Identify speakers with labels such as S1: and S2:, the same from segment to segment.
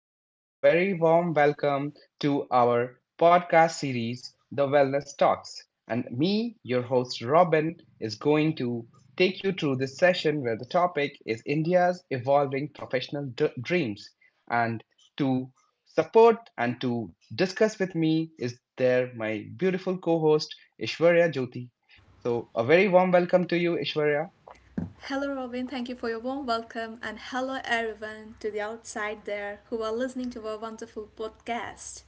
S1: again, a very warm welcome to our podcast series, The Wellness Talks. And me, your host Robin, is going to take you through this session where the topic is India's evolving professional dreams. And to support and to discuss with me is there my beautiful co host, Ishwarya Jyoti. So, a very warm welcome to you, Ishwarya.
S2: Hello, Robin. Thank you for your warm welcome. And hello, everyone, to the outside there who are listening to our wonderful podcast.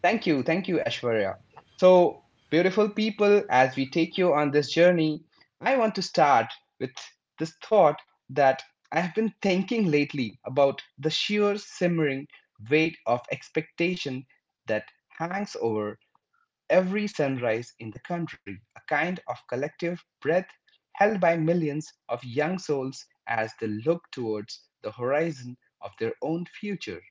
S1: Thank you, Ashwarya. So, beautiful people, as we take you on this journey, I want to start with this thought that I have been thinking lately about the sheer simmering weight of expectation that hangs over every sunrise in the country, a kind of collective breath held by millions of young souls as they look towards the horizon of their own future.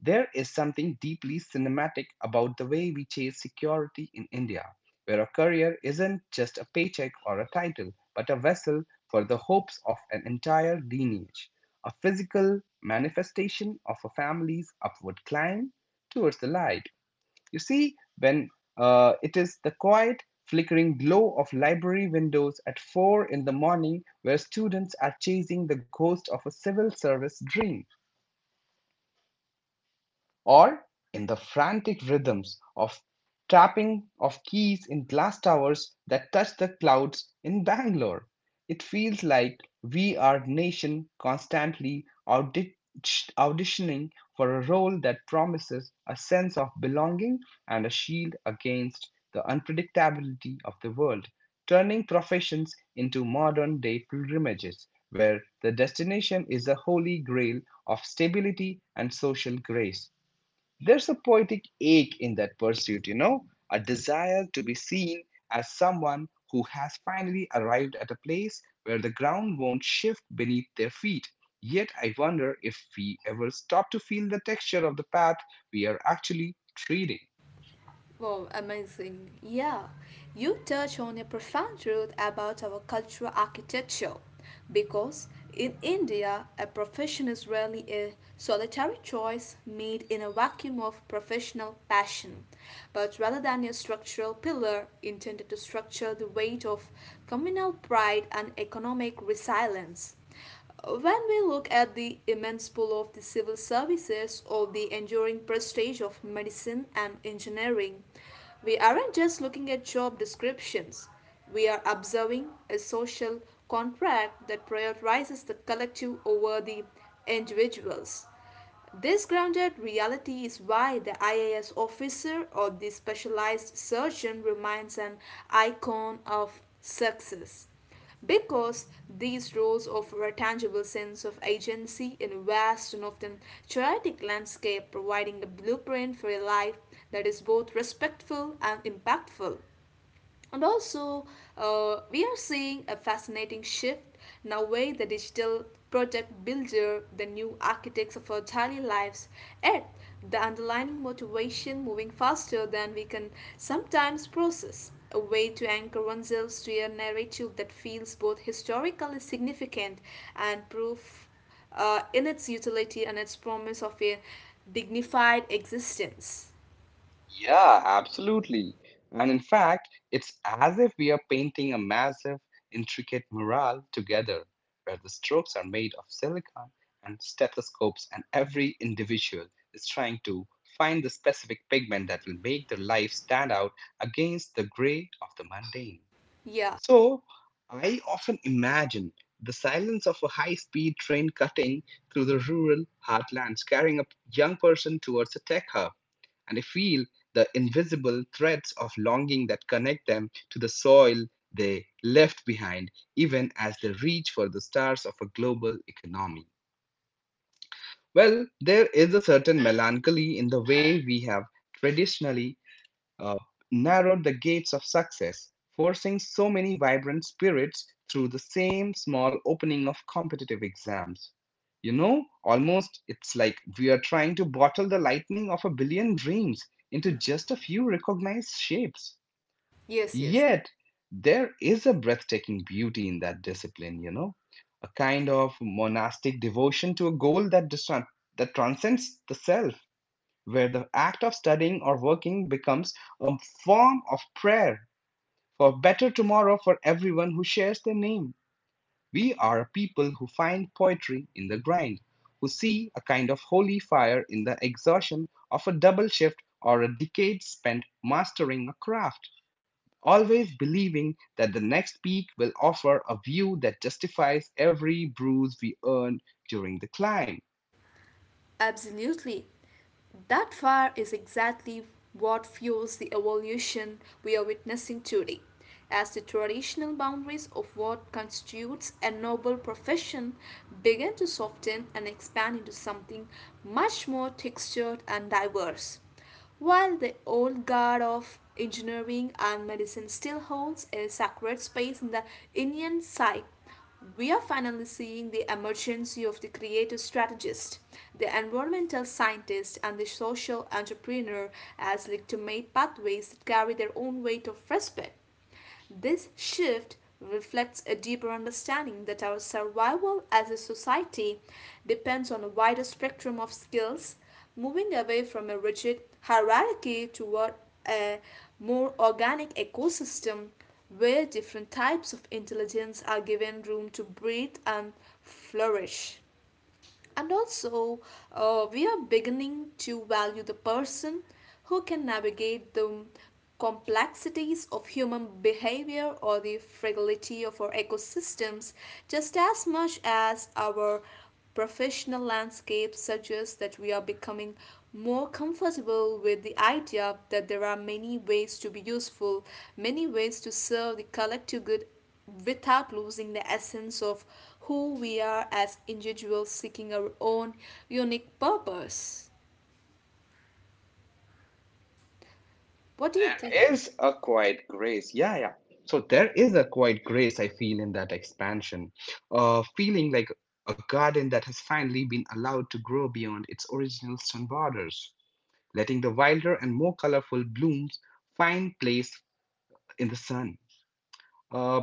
S1: There is something deeply cinematic about the way we chase security in India, where a career isn't just a paycheck or a title, but a vessel for the hopes of an entire lineage, a physical manifestation of a family's upward climb towards the light. You see, when it is the quiet, flickering glow of library windows at 4 in the morning where students are chasing the ghost of a civil service dream or in the frantic rhythms of tapping of keys in glass towers that touch the clouds in Bangalore. It feels like we are nation constantly auditioning for a role that promises a sense of belonging and a shield against the unpredictability of the world, turning professions into modern day pilgrimages where the destination is the holy grail of stability and social grace. There's a poetic ache in that pursuit, you know, a desire to be seen as someone who has finally arrived at a place where the ground won't shift beneath their feet. Yet I wonder if we ever stop to feel the texture of the path we are actually treading.
S2: Wow, amazing. Yeah, you touch on a profound truth about our cultural architecture because in India, a profession is rarely a solitary choice made in a vacuum of professional passion, but rather than a structural pillar intended to structure the weight of communal pride and economic resilience. When we look at the immense pool of the civil services or the enduring prestige of medicine and engineering, we aren't just looking at job descriptions. We are observing a social contract that prioritizes the collective over the individuals. This grounded reality is why the IAS officer or the specialized surgeon remains an icon of success. Because these roles offer a tangible sense of agency in a vast and often chaotic landscape, providing a blueprint for a life that is both respectful and impactful. And also, we are seeing a fascinating shift in the way the digital project builder, the new architects of our daily lives, yet the underlying motivation moving faster than we can sometimes process. A way to anchor oneself to a narrative that feels both historically significant and proof in its utility and its promise of a dignified existence.
S1: Yeah, absolutely. And in fact, it's as if we are painting a massive, intricate mural together, where the strokes are made of silicon and stethoscopes, and every individual is trying to find the specific pigment that will make their life stand out against the gray of the mundane.
S2: Yeah.
S1: So I often imagine the silence of a high speed train cutting through the rural heartlands, carrying a young person towards a tech hub. And I feel the invisible threads of longing that connect them to the soil they left behind, even as they reach for the stars of a global economy. Well, there is a certain melancholy in the way we have traditionally uh, narrowed the gates of success, forcing so many vibrant spirits through the same small opening of competitive exams. You know, almost it's like we are trying to bottle the lightning of a billion dreams into just a few recognized shapes.
S2: Yes, yes.
S1: Yet, there is a breathtaking beauty in that discipline, you know, a kind of monastic devotion to a goal that transcends the self where the act of studying or working becomes a form of prayer for a better tomorrow for everyone who shares their name. We are a people who find poetry in the grind, who see a kind of holy fire in the exhaustion of a double shift or a decade spent mastering a craft, always believing that the next peak will offer a view that justifies every bruise we earned during the climb.
S2: Absolutely. That fire is exactly what fuels the evolution we are witnessing today, as the traditional boundaries of what constitutes a noble profession begin to soften and expand into something much more textured and diverse. While the old guard of engineering and medicine still holds a sacred space in the Indian psyche, we are finally seeing the emergence of the creative strategist, the environmental scientist, and the social entrepreneur as legitimate pathways that carry their own weight of respect. This shift reflects a deeper understanding that our survival as a society depends on a wider spectrum of skills, moving away from a rigid hierarchy toward a more organic ecosystem where different types of intelligence are given room to breathe and flourish. And also, we are beginning to value the person who can navigate the complexities of human behavior or the fragility of our ecosystems just as much as our professional landscape suggests that we are becoming more comfortable with the idea that there are many ways to be useful, many ways to serve the collective good without losing the essence of who we are as individuals seeking our own unique purpose. What do you think?
S1: Is a quiet grace. Yeah, yeah. So there is a quiet grace I feel in that expansion, feeling like a garden that has finally been allowed to grow beyond its original stone borders, letting the wilder and more colorful blooms find place in the sun. Uh,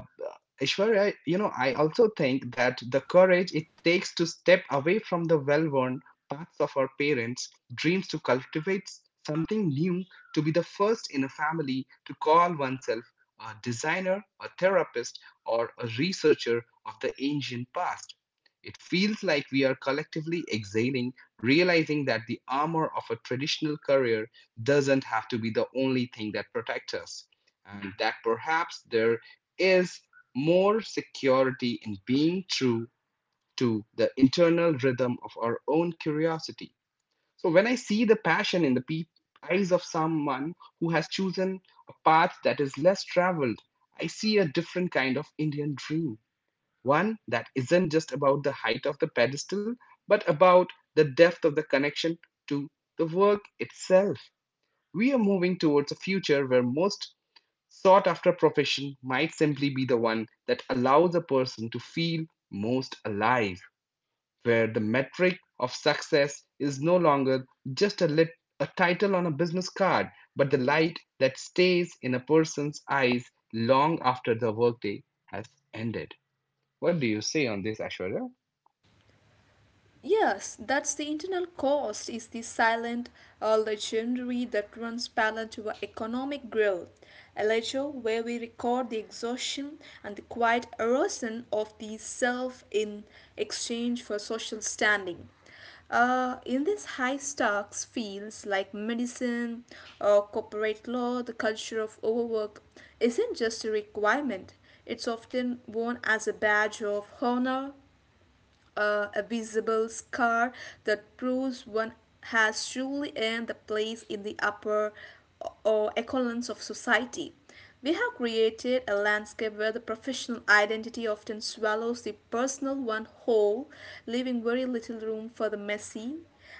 S1: Ishwarya, you know, I also think that the courage it takes to step away from the well worn paths of our parents' dreams to cultivate something new, to be the first in a family to call oneself a designer, a therapist, or a researcher of the ancient past. It feels like we are collectively exhaling, realizing that the armor of a traditional career doesn't have to be the only thing that protects us, and that perhaps there is more security in being true to the internal rhythm of our own curiosity. So when I see the passion in the peop eyes of someone who has chosen a path that is less traveled, I see a different kind of Indian dream. One that isn't just about the height of the pedestal, but about the depth of the connection to the work itself. We are moving towards a future where most sought after profession might simply be the one that allows a person to feel most alive, where the metric of success is no longer just a title on a business card, but the light that stays in a person's eyes long after the workday has ended. What do you say on this, Ashwarya?
S2: Yes, that's the internal cost is the silent legendary that runs parallel to our economic growth, a ledger where we record the exhaustion and the quiet erosion of the self in exchange for social standing. In these high stocks fields like medicine or corporate law, the culture of overwork isn't just a requirement, it's often worn as a badge of honor, a visible scar that proves one has truly earned a place in the upper or echelons of society. We have created a landscape where the professional identity often swallows the personal one whole, leaving very little room for the messy,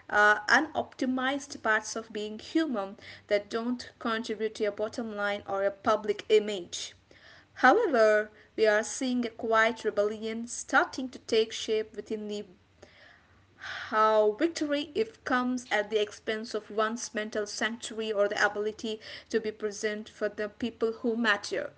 S2: unoptimized parts of being human that don't contribute to a bottom line or a public image. However, we are seeing a quiet rebellion starting to take shape within the how victory if comes at the expense of one's mental sanctuary or the ability to be present for the people who matter.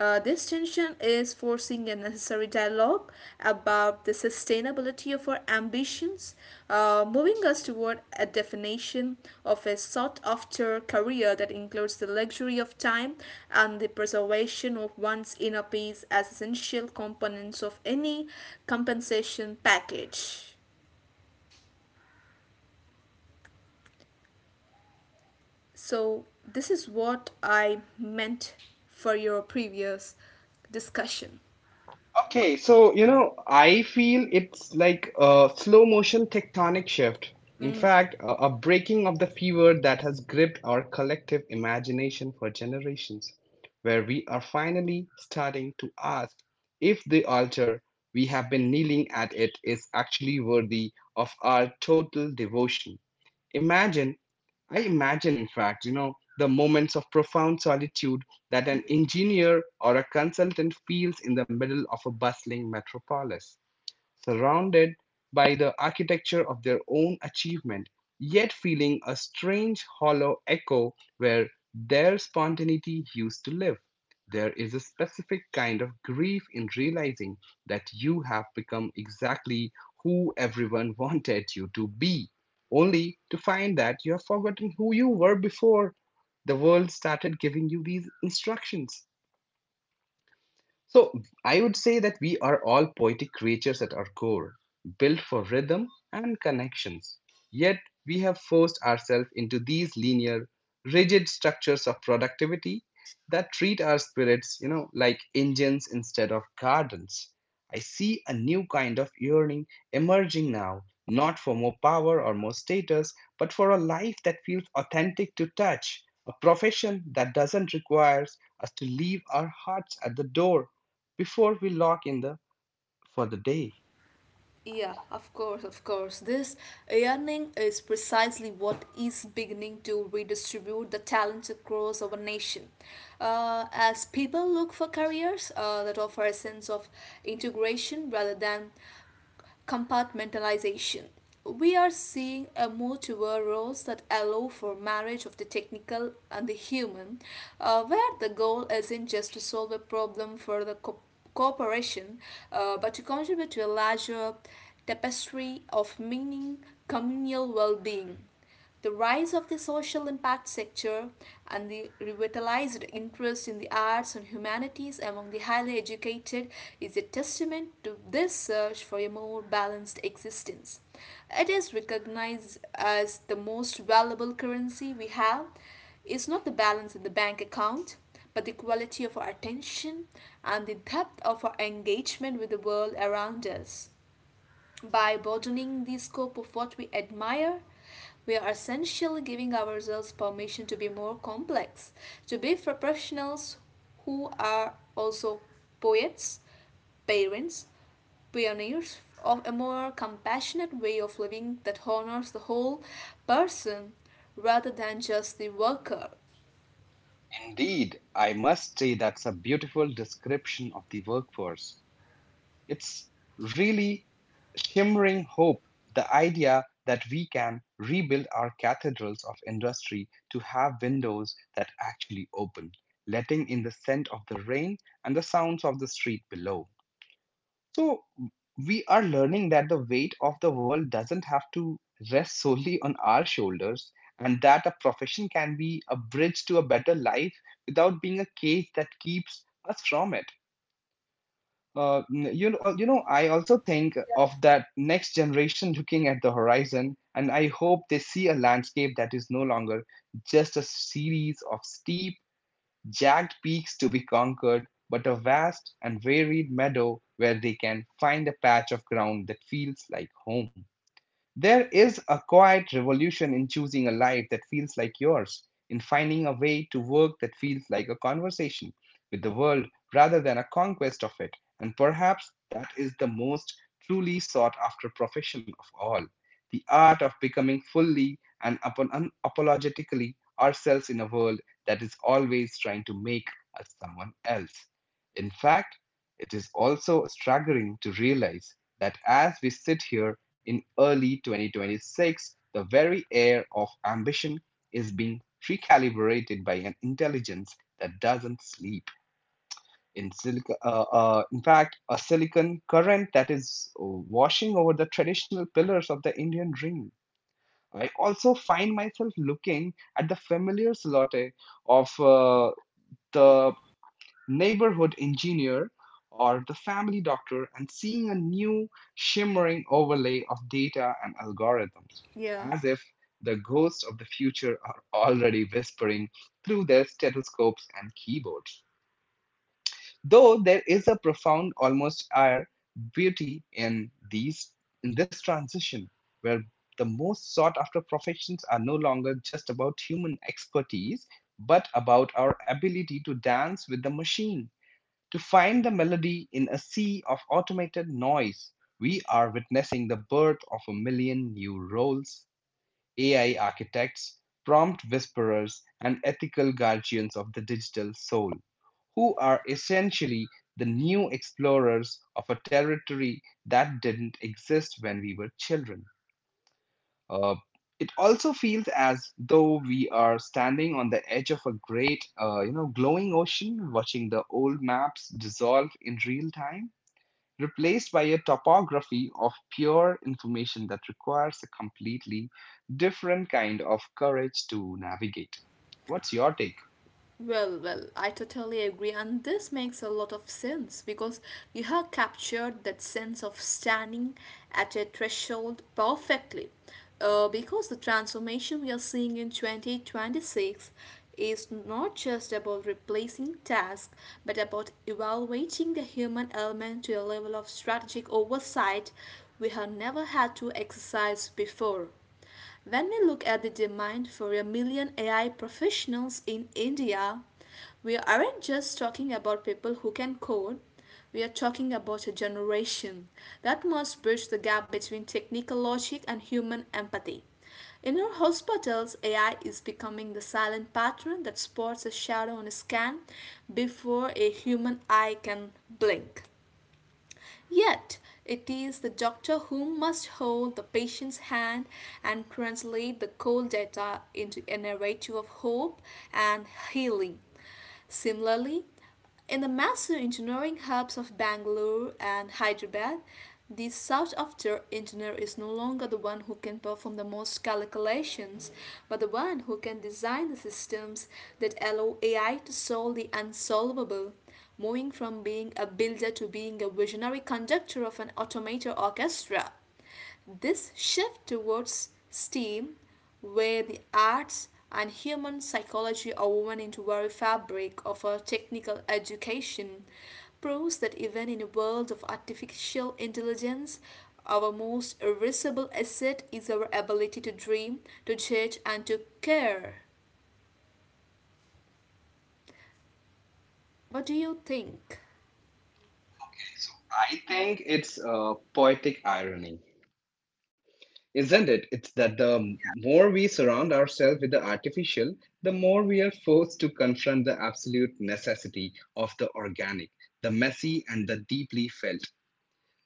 S2: This tension is forcing a necessary dialogue about the sustainability of our ambitions, moving us toward a definition of a sought after career that includes the luxury of time and the preservation of one's inner peace as essential components of any compensation package. So, this is what I meant for your previous discussion.
S1: Okay, so you know, I feel it's like a slow motion tectonic shift. In fact, a breaking of the fever that has gripped our collective imagination for generations, where we are finally starting to ask if the altar we have been kneeling at it is actually worthy of our total devotion. Imagine I imagine, in fact, you know, the moments of profound solitude that an engineer or a consultant feels in the middle of a bustling metropolis surrounded by the architecture of their own achievement, yet feeling a strange hollow echo where their spontaneity used to live. There is a specific kind of grief in realizing that you have become exactly who everyone wanted you to be, only to find that you have forgotten who you were before the world started giving you these instructions. So I would say that we are all poetic creatures at our core, built for rhythm and connections. Yet we have forced ourselves into these linear, rigid structures of productivity that treat our spirits, you know, like engines instead of gardens. I see a new kind of yearning emerging now, not for more power or more status, but for a life that feels authentic to touch, a profession that doesn't require us to leave our hearts at the door before we lock in the for the day.
S2: Yeah, of course, of course. This yearning is precisely what is beginning to redistribute the talents across our nation. As people look for careers that offer a sense of integration rather than compartmentalization. We are seeing a move toward roles that allow for marriage of the technical and the human, where the goal isn't just to solve a problem for the cooperation, but to contribute to a larger tapestry of meaning, communal well being. The rise of the social impact sector and the revitalized interest in the arts and humanities among the highly educated is a testament to this search for a more balanced existence. It is recognized as the most valuable currency we have is not the balance in the bank account, but the quality of our attention and the depth of our engagement with the world around us. By broadening the scope of what we admire, we are essentially giving ourselves permission to be more complex, to be professionals who are also poets, parents, pioneers of a more compassionate way of living that honors the whole person rather than just the worker.
S1: Indeed, I must say that's a beautiful description of the workforce. It's really shimmering hope, the idea that we can rebuild our cathedrals of industry to have windows that actually open, letting in the scent of the rain and the sounds of the street below. So we are learning that the weight of the world doesn't have to rest solely on our shoulders and that a profession can be a bridge to a better life without being a cage that keeps us from it. Uh, you know, I also think of that next generation looking at the horizon, and I hope they see a landscape that is no longer just a series of steep jagged peaks to be conquered, but a vast and varied meadow where they can find a patch of ground that feels like home. There is a quiet revolution in choosing a life that feels like yours, in finding a way to work that feels like a conversation with the world rather than a conquest of it. And perhaps that is the most truly sought after profession of all the art of becoming fully and upon unapologetically ourselves in a world that is always trying to make us someone else. In fact, it is also staggering to realize that as we sit here in early 2026, the very air of ambition is being recalibrated by an intelligence that doesn't sleep. In fact, a silicon current that is washing over the traditional pillars of the Indian dream. I also find myself looking at the familiar silhouette of
S2: Mm?
S1: the neighborhood engineer, or the family doctor and seeing a new shimmering overlay of data and algorithms,
S2: Yeah.
S1: as if the ghosts of the future are already whispering through their stethoscopes and keyboards. Though there is a profound, almost air beauty in these in this transition, where the most sought after professions are no longer just about human expertise, but about our ability to dance with the machine to find the melody in a sea of automated noise, we are witnessing the birth of a million new roles AI architects, prompt whisperers, and ethical guardians of the digital soul, who are essentially the new explorers of a territory that didn't exist when we were children. Uh, it also feels as though we are standing on the edge of a great, you know, glowing ocean, watching the old maps dissolve in real time, replaced by a topography of pure information that requires a completely different kind of courage to navigate. What's your take?
S2: Well, well, I totally agree, and this makes a lot of sense because you have captured that sense of standing at a threshold perfectly. Because the transformation we are seeing in 2026 is not just about replacing tasks but about evaluating the human element to a level of strategic oversight we have never had to exercise before. When we look at the demand for a million AI professionals in India, we aren't just talking about people who can code. We are talking about a generation that must bridge the gap between technical logic and human empathy. In our hospitals, AI is becoming the silent patron that spots a shadow on a scan before a human eye can blink. Yet, it is the doctor who must hold the patient's hand and translate the cold data into a narrative of hope and healing. Similarly, in the massive engineering hubs of Bangalore and Hyderabad, the engineer is no longer the one who can perform the most calculations, but the one who can design the systems that allow AI to solve the unsolvable. Moving from being a builder to being a visionary conductor of an automated orchestra. This shift towards STEAM, where the arts and human psychology are woven into very fabric of our technical education, proves that even in a world of artificial intelligence, our most irreplaceable asset is our ability to dream, to judge, and to care. What do you think?
S1: Okay, so I think it's poetic irony. Isn't it? It's that the more we surround ourselves with the artificial, the more we are forced to confront the absolute necessity of the organic, the messy, and the deeply felt.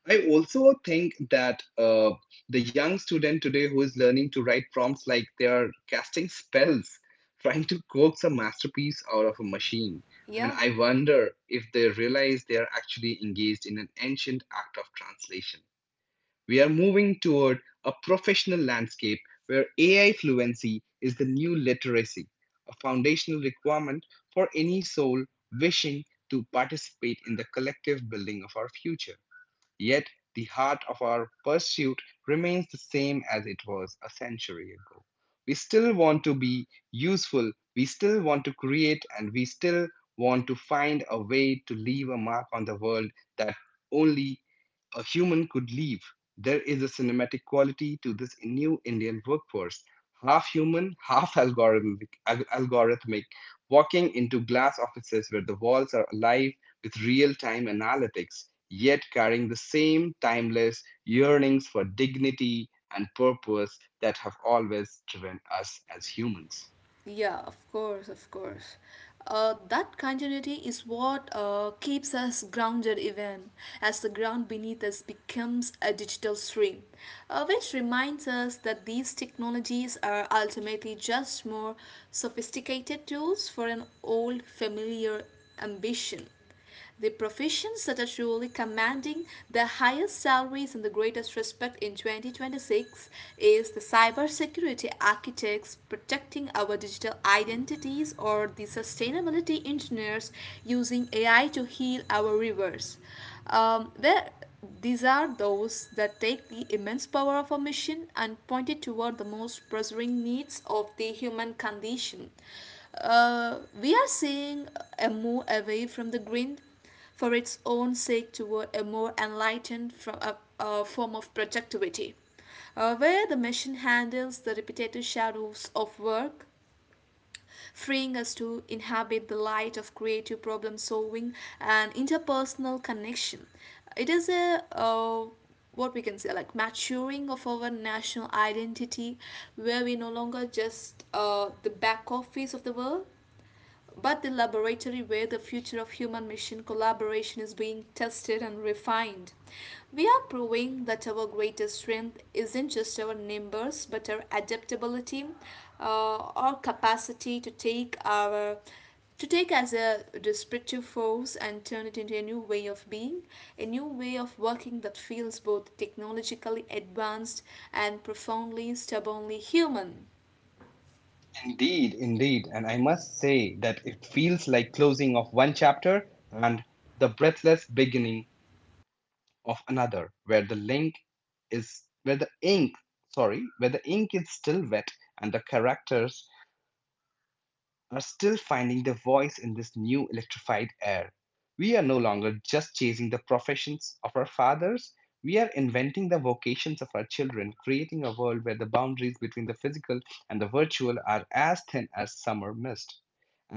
S1: I also think that the young student today who is learning to write prompts like they are casting spells, trying to coax a masterpiece out of a machine. And
S2: Yeah.
S1: I wonder if they realize they are actually engaged in an ancient act of translation. We are moving toward a professional landscape where AI fluency is the new literacy, a foundational requirement for any soul wishing to participate in the collective building of our future. Yet, the heart of our pursuit remains the same as it was a century ago. We still want to be useful, we still want to create, and we still want to find a way to leave a mark on the world that only a human could leave. There is a cinematic quality to this new Indian workforce, half human, half algorithmic, algorithmic, walking into glass offices where the walls are alive with real time analytics, yet carrying the same timeless yearnings for dignity and purpose that have always driven us as humans.
S2: Yeah, of course, of course. That continuity is what keeps us grounded even as the ground beneath us becomes a digital stream, which reminds us that these technologies are ultimately just more sophisticated tools for an old familiar ambition. The professions that are truly commanding the highest salaries and the greatest respect in 2026 is the cybersecurity architects protecting our digital identities or the sustainability engineers using AI to heal our rivers. There these are those that take the immense power of a mission and point it toward the most pressing needs of the human condition. We are seeing a move away from the grid for its own sake toward a more enlightened from a form of productivity, where the machine handles the repetitive shadows of work freeing us to inhabit the light of creative problem solving and interpersonal connection. It is a what we can say like maturing of our national identity where we no longer just the back office of the world but the laboratory where the future of human mission collaboration is being tested and refined. We are proving that our greatest strength isn't just our numbers but our adaptability, our capacity to take our to take as a disruptive force and turn it into a new way of being, a new way of working that feels both technologically advanced and profoundly stubbornly human.
S1: Indeed, indeed. And I must say that it feels like closing of one chapter and the breathless beginning of another, where the ink, sorry, where the ink is still wet and the characters are still finding their voice in this new electrified air. We are no longer just chasing the professions of our fathers, we are inventing the vocations of our children, creating a world where the boundaries between the physical and the virtual are as thin as summer mist.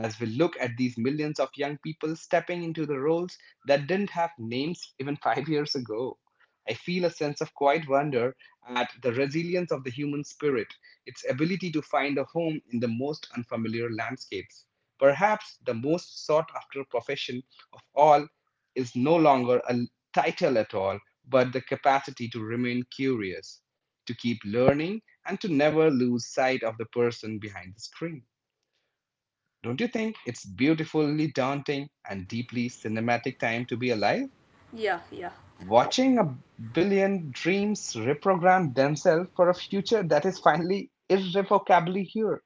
S1: As we look at these millions of young people stepping into the roles that didn't have names even 5 years ago, I feel a sense of quiet wonder at the resilience of the human spirit, its ability to find a home in the most unfamiliar landscapes. Perhaps the most sought after profession of all is no longer a title at all, but the capacity to remain curious, to keep learning, and to never lose sight of the person behind the screen. Don't you think it's beautifully daunting and deeply cinematic time to be alive?
S2: Yeah, yeah.
S1: Watching a billion dreams reprogram themselves for a future that is finally irrevocably here.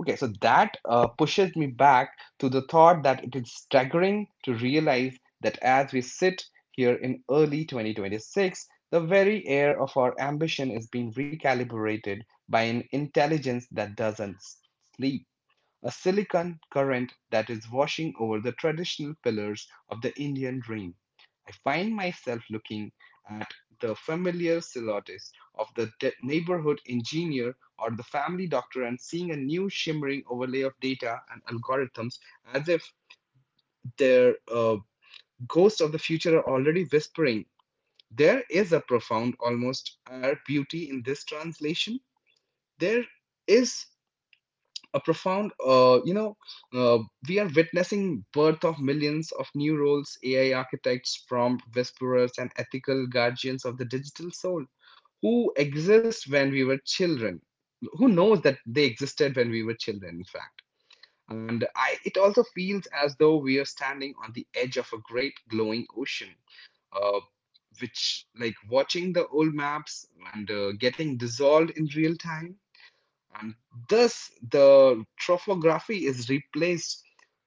S1: Okay, so that pushes me back to the thought that it is staggering to realize that as we sit here in early 2026, the very air of our ambition is being recalibrated by an intelligence that doesn't sleep, a silicon current that is washing over the traditional pillars of the Indian dream. I find myself looking at the familiar silhouettes of the neighborhood engineer or the family doctor and seeing a new shimmering overlay of data and algorithms, as if their ghosts of the future are already whispering. There is a profound, almost air beauty in this translation. There is a profound uh, we are witnessing birth of millions of new roles, AI architects, prompt whisperers, and ethical guardians of the digital soul who exist when we were children, who knows that they existed when we were children, in fact. It also feels as though we are standing on the edge of a great glowing ocean, uh, which like watching the old maps, and getting dissolved in real time, and thus, the trophography is replaced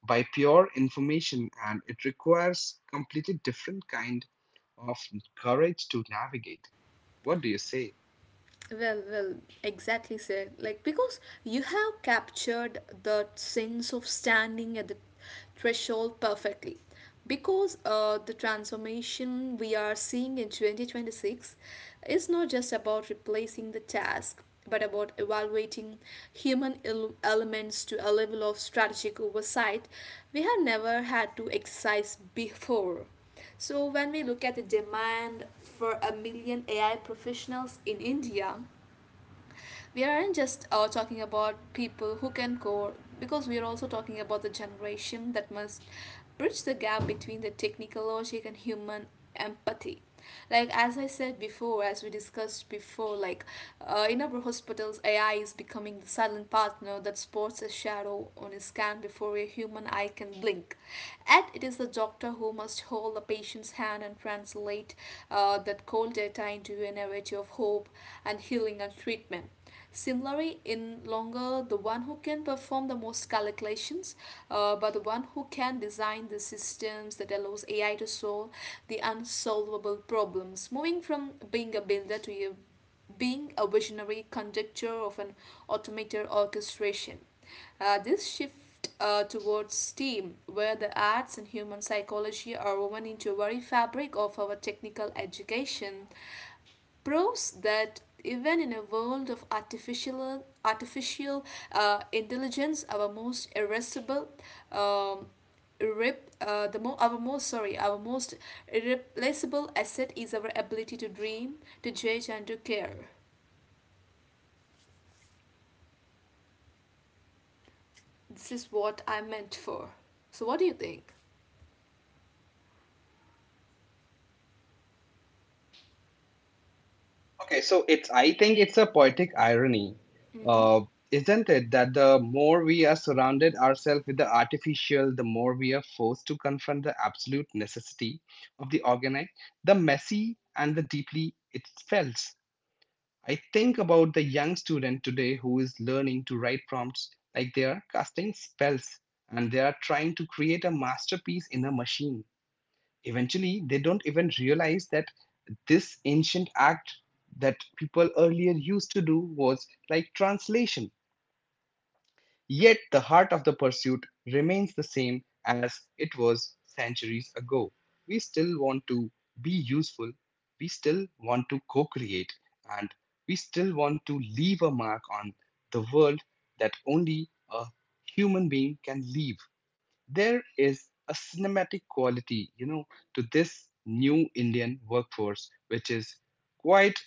S1: by pure information, and it requires completely different kind of courage to navigate. What do you say?
S2: Well, well, exactly, sir. Like, because you have captured the sense of standing at the threshold perfectly. Because the transformation we are seeing in 2026 is not just about replacing the task, but about evaluating human elements to a level of strategic oversight we have never had to exercise before. So, when we look at the demand for a million AI professionals in India, we aren't just talking about people who can code, because we are also talking about the generation that must bridge the gap between the technical logic and human empathy. Like as I said before, as we discussed before, like, in our hospitals, AI is becoming the silent partner that sports a shadow on a scan before a human eye can blink. And it is the doctor who must hold the patient's hand and translate, that cold data into a narrative of hope and healing and treatment. Similarly, in longer, the one who can perform the most calculations, but the one who can design the systems that allows AI to solve the unsolvable problems, moving from being a builder to being a visionary conductor of an automated orchestration. This shift towards STEAM, where the arts and human psychology are woven into very fabric of our technical education, proves that even in a world of artificial intelligence, our most irresistible, um, rip the mo- our most sorry our most irreplaceable asset is our ability to dream, to judge, and to care. This is what I meant for. So, what do you think?
S1: Okay, so it's I think it's a poetic irony,
S2: Mm-hmm.
S1: uh, isn't it? That the more we are surrounded ourselves with the artificial, the more we are forced to confront the absolute necessity of the organic, the messy, and the deeply it felt. I think about the young student today who is learning to write prompts like they are casting spells, and they are trying to create a masterpiece in a machine. Eventually, they don't even realize that this ancient act that people earlier used to do was like translation. Yet the heart of the pursuit remains the same as it was centuries ago. We still want to be useful, we still want to co create, and we still want to leave a mark on the world that only a human being can leave. There is a cinematic quality, to this new Indian workforce, which is quite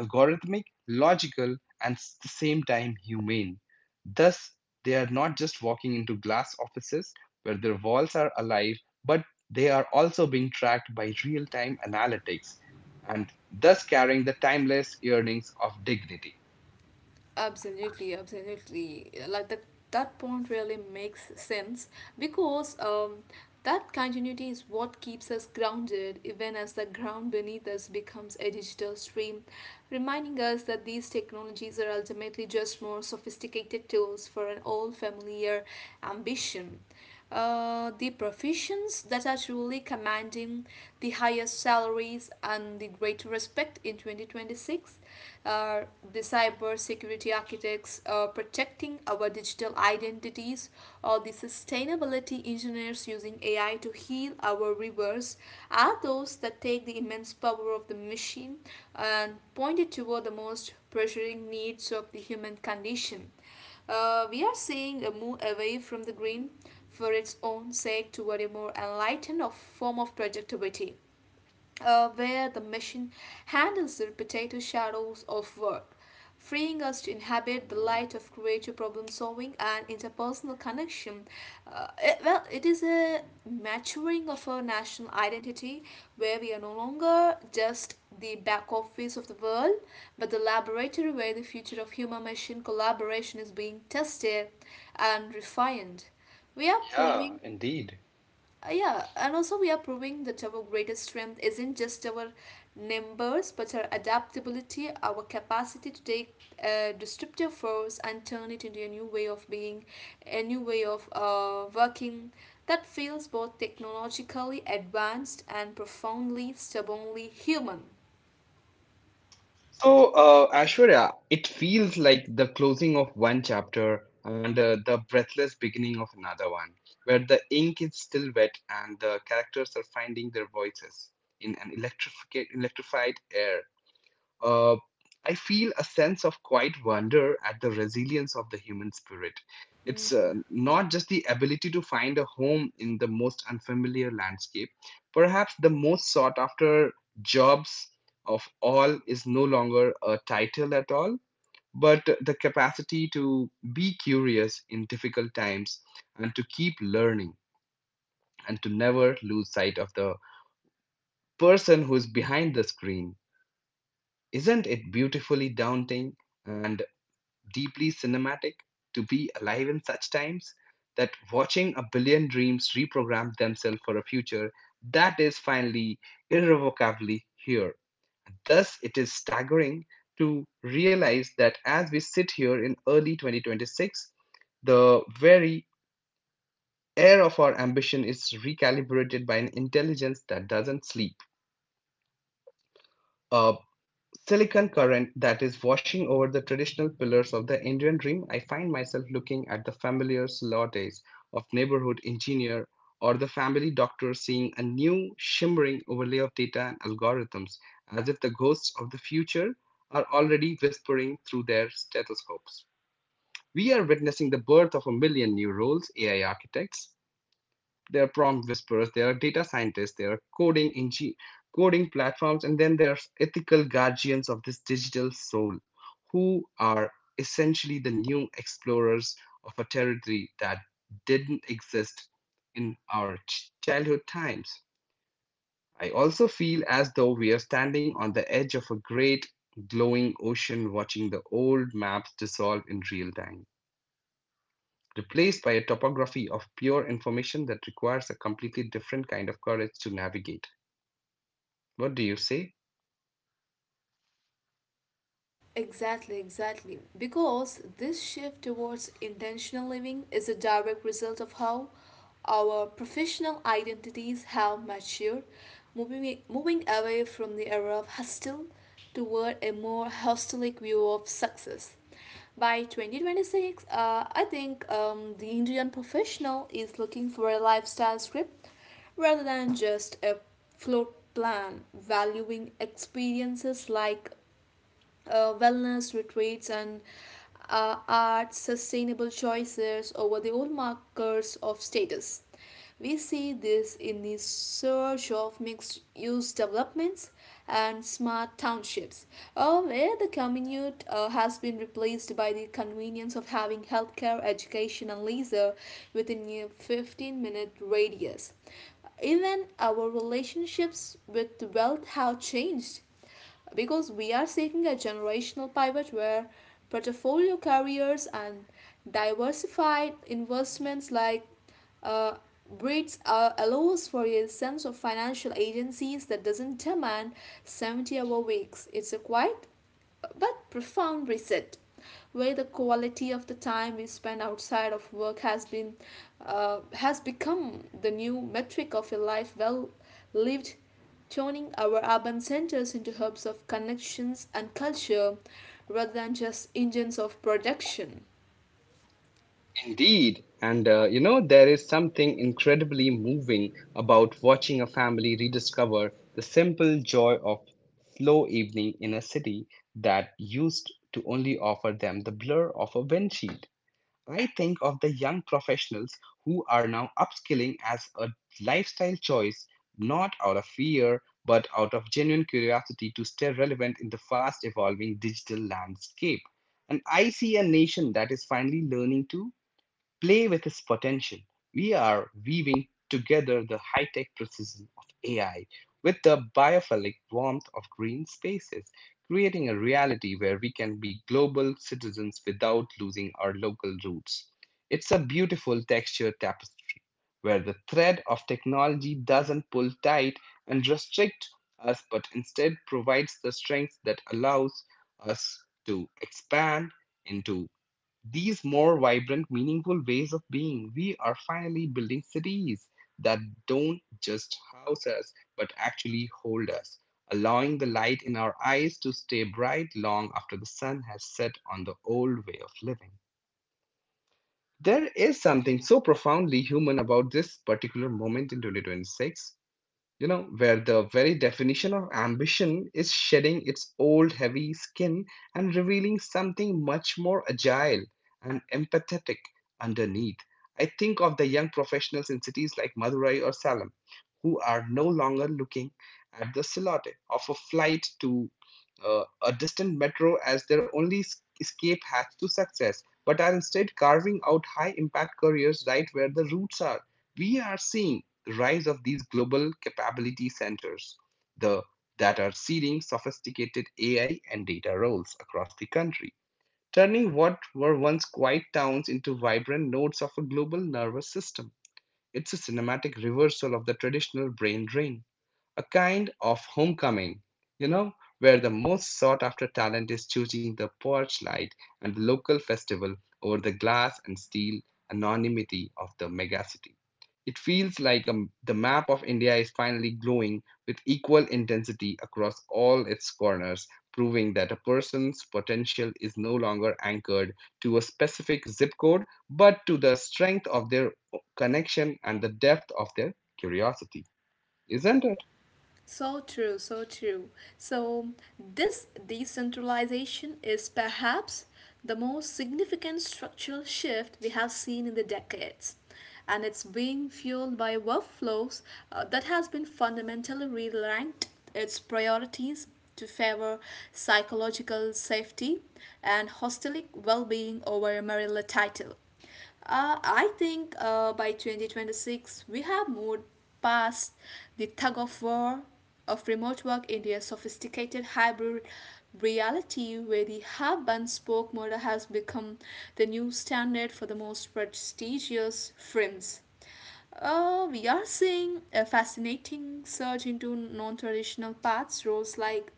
S1: algorithmic, logical, and at the same time humane. Thus, they are not just walking into glass offices where their walls are alive, but they are also being tracked by real time analytics and thus carrying the timeless yearnings of dignity.
S2: Absolutely, absolutely. Like that, that point really makes sense because that continuity is what keeps us grounded even as the ground beneath us becomes a digital stream, reminding us that these technologies are ultimately just more sophisticated tools for an old familiar ambition. The professions that are truly commanding the highest salaries and the greater respect in 2026 are the cybersecurity security architects protecting our digital identities, or the sustainability engineers using AI to heal our rivers are those that take the immense power of the machine and point it toward the most pressuring needs of the human condition. We are seeing a move away from the green for its own sake toward a more enlightened of form of productivity where the machine handles the repetitive shadows of work, freeing us to inhabit the light of creative problem solving and interpersonal connection. Well, it is a maturing of our national identity where we are no longer just the back office of the world, but the laboratory where the future of human machine collaboration is being tested and refined. We are
S1: Yeah,
S2: proving
S1: indeed.
S2: yeah, and also we are proving that our greatest strength isn't just our numbers, but our adaptability, our capacity to take destructive force and turn it into a new way of being, a new way of working that feels both technologically advanced and profoundly, stubbornly human.
S1: So, Ashwarya, it feels like the closing of one chapter and the breathless beginning of another one, where the ink is still wet and the characters are finding their voices in an electrific electrified air. Uh, I feel a sense of quiet wonder at the resilience of the human spirit. It's not just the ability to find a home in the most unfamiliar landscape. Perhaps the most sought after jobs of all is no longer a title at all, but the capacity to be curious in difficult times, and to keep learning, and to never lose sight of the person who is behind the screen. Isn't it beautifully daunting and deeply cinematic to be alive in such times, that watching a billion dreams reprogram themselves for a future that is finally irrevocably here. Thus, it is staggering to realize that as we sit here in early 2026, the very air of our ambition is recalibrated by an intelligence that doesn't sleep. A silicon current that is washing over the traditional pillars of the Indian dream, I find myself looking at the familiar lattes of neighborhood engineer or the family doctor, seeing a new shimmering overlay of data and algorithms, as if the ghosts of the future are already whispering through their stethoscopes. We are witnessing the birth of a million new roles, AI architects, there are prompt whisperers, there are data scientists, there are coding platforms, and then there's ethical guardians of this digital soul, who are essentially the new explorers of a territory that didn't exist in our childhood times. I also feel as though we are standing on the edge of a great glowing ocean, watching the old maps dissolve in real time, replaced by a topography of pure information that requires a completely different kind of courage to navigate. What do you say?
S2: Exactly, exactly. Because this shift towards intentional living is a direct result of how our professional identities have matured, moving away from the era of hustle toward a more hostelic view of success. By 2026, I think the Indian professional is looking for a lifestyle script rather than just a float plan, valuing experiences like wellness retreats and art sustainable choices over the old markers of status. We see this in the surge of mixed use developments and smart townships, where the commute has been replaced by the convenience of having healthcare, education, and leisure within a 15-minute radius. Even our relationships with wealth have changed because we are seeking a generational pivot where portfolio carriers and diversified investments like uh, breeds allows for a sense of financial agencies that doesn't demand 70-hour weeks. It's a quiet but profound reset where the quality of the time we spend outside of work has been has become the new metric of a life well lived, turning our urban centers into hubs of connections and culture rather than just engines of production.
S1: Indeed. And there is something incredibly moving about watching a family rediscover the simple joy of slow evening in a city that used to only offer them the blur of a windshield. I think of the young professionals who are now upskilling as a lifestyle choice, not out of fear, but out of genuine curiosity to stay relevant in the fast evolving digital landscape. And I see a nation that is finally learning to play with its potential. We are weaving together the high tech precision of AI with the biophilic warmth of green spaces, creating a reality where we can be global citizens without losing our local roots. It's a beautiful textured tapestry where the thread of technology doesn't pull tight and restrict us, but instead provides the strength that allows us to expand into these more vibrant, meaningful ways of being. We are finally building cities that don't just house us, but actually hold us, allowing the light in our eyes to stay bright long after the sun has set on the old way of living. There is something so profoundly human about this particular moment in 2026, where the very definition of ambition is shedding its old heavy skin and revealing something much more agile and empathetic underneath. I think of the young professionals in cities like Madurai or Salem who are no longer looking at the silhouette of a flight to a distant metro as their only escape hatch to success, but are instead carving out high impact careers right where the roots are. We are seeing the rise of these global capability centers the, that are seeding sophisticated AI and data roles across the country, turning what were once quiet towns into vibrant nodes of a global nervous system. It's a cinematic reversal of the traditional brain drain, a kind of homecoming, you know, where the most sought after talent is choosing the porch light and the local festival over the glass and steel anonymity of the megacity. It feels like the map of India is finally glowing with equal intensity across all its corners, proving that a person's potential is no longer anchored to a specific zip code, but to the strength of their connection and the depth of their curiosity. Isn't it?
S2: So true, so true. So this decentralization is perhaps the most significant structural shift we have seen in the decades. And it's being fueled by workflows that has been fundamentally realigned its priorities to favor psychological safety and hostelic well-being over a marital title. I think by 2026, we have moved past the tug of war of remote work into a sophisticated hybrid reality where the hub and spoke model has become the new standard for the most prestigious firms. We are seeing a fascinating surge into non traditional paths, roles like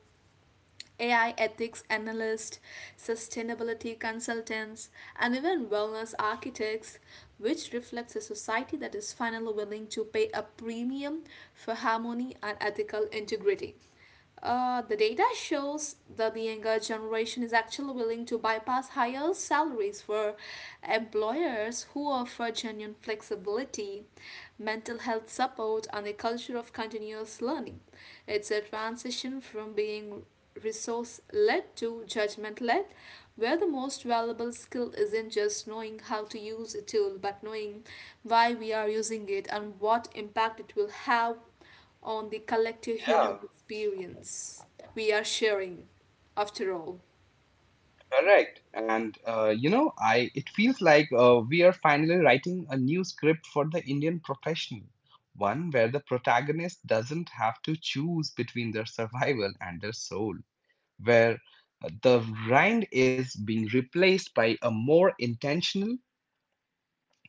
S2: AI ethics analysts, sustainability consultants, and even wellness architects, which reflects a society that is finally willing to pay a premium for harmony and ethical integrity. The data shows that the younger generation is actually willing to bypass higher salaries for employers who offer genuine flexibility, mental health support, and a culture of continuous learning. It's a transition from being resource led to judgment led, where the most valuable skill isn't just knowing how to use a tool, but knowing why we are using it and what impact it will have on the collective human
S1: Yeah,
S2: experience we are sharing, after all.
S1: correct. And you know, I it feels like we are finally writing a new script for the Indian professional, one where the protagonist doesn't have to choose between their survival and their soul, where the grind is being replaced by a more intentional,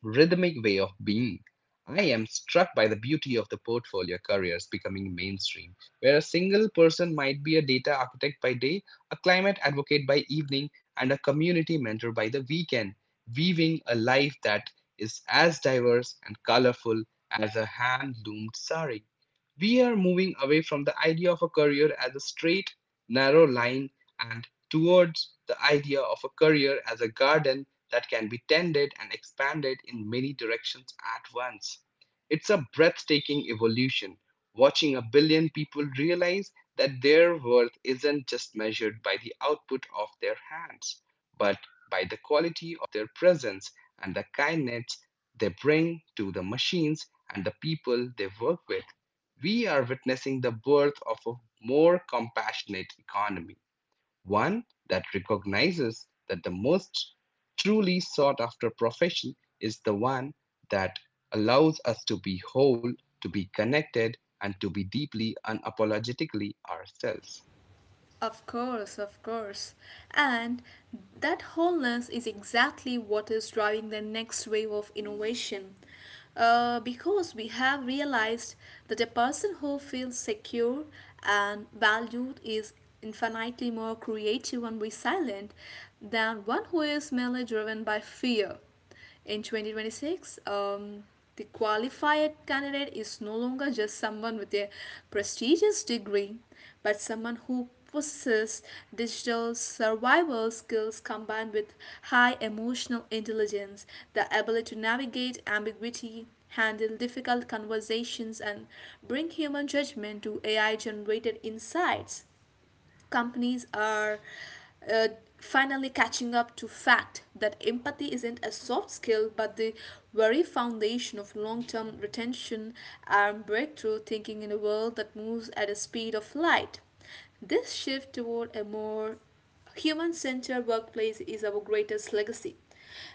S1: rhythmic way of being. I am struck by the beauty of the portfolio careers becoming mainstream, where a single person might be a data architect by day, a climate advocate by evening, and a community mentor by the weekend, weaving a life that is as diverse and colorful as a hand loomed sari. We are moving away from the idea of a career as a straight, narrow line and towards the idea of a career as a garden that can be tended and expanded in many directions at once. It's a breathtaking evolution, watching a billion people realize that their worth isn't just measured by the output of their hands, but by the quality of their presence and the kindness they bring to the machines and the people they work with. We are witnessing the birth of a more compassionate economy, one that recognizes that the most truly sought after profession is the one that allows us to be whole, to be connected, and to be deeply, unapologetically ourselves.
S2: Of course, of course. And that wholeness is exactly what is driving the next wave of innovation. Because we have realized that a person who feels secure and valued is infinitely more creative and resilient than one who is merely driven by fear. In 2026, the qualified candidate is no longer just someone with a prestigious degree, but someone who possesses digital survival skills combined with high emotional intelligence, the ability to navigate ambiguity, handle difficult conversations, and bring human judgment to AI generated insights. Companies are uh, finally catching up to fact that empathy isn't a soft skill but the very foundation of long-term retention and breakthrough thinking in a world that moves at a speed of light. This shift toward a more human centered workplace is our greatest legacy.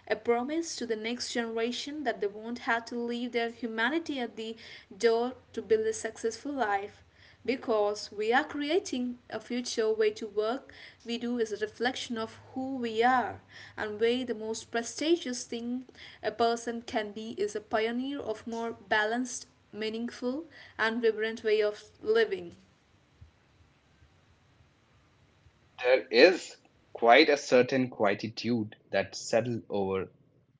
S2: A promise to the next generation that they won't have to leave their humanity at the door to build a successful life. Because we are creating a future way to work, we do is a reflection of who we are. And way the most prestigious thing a person can be is a pioneer of more balanced, meaningful, and vibrant way of living.
S1: There is quite a certain quietude that settles over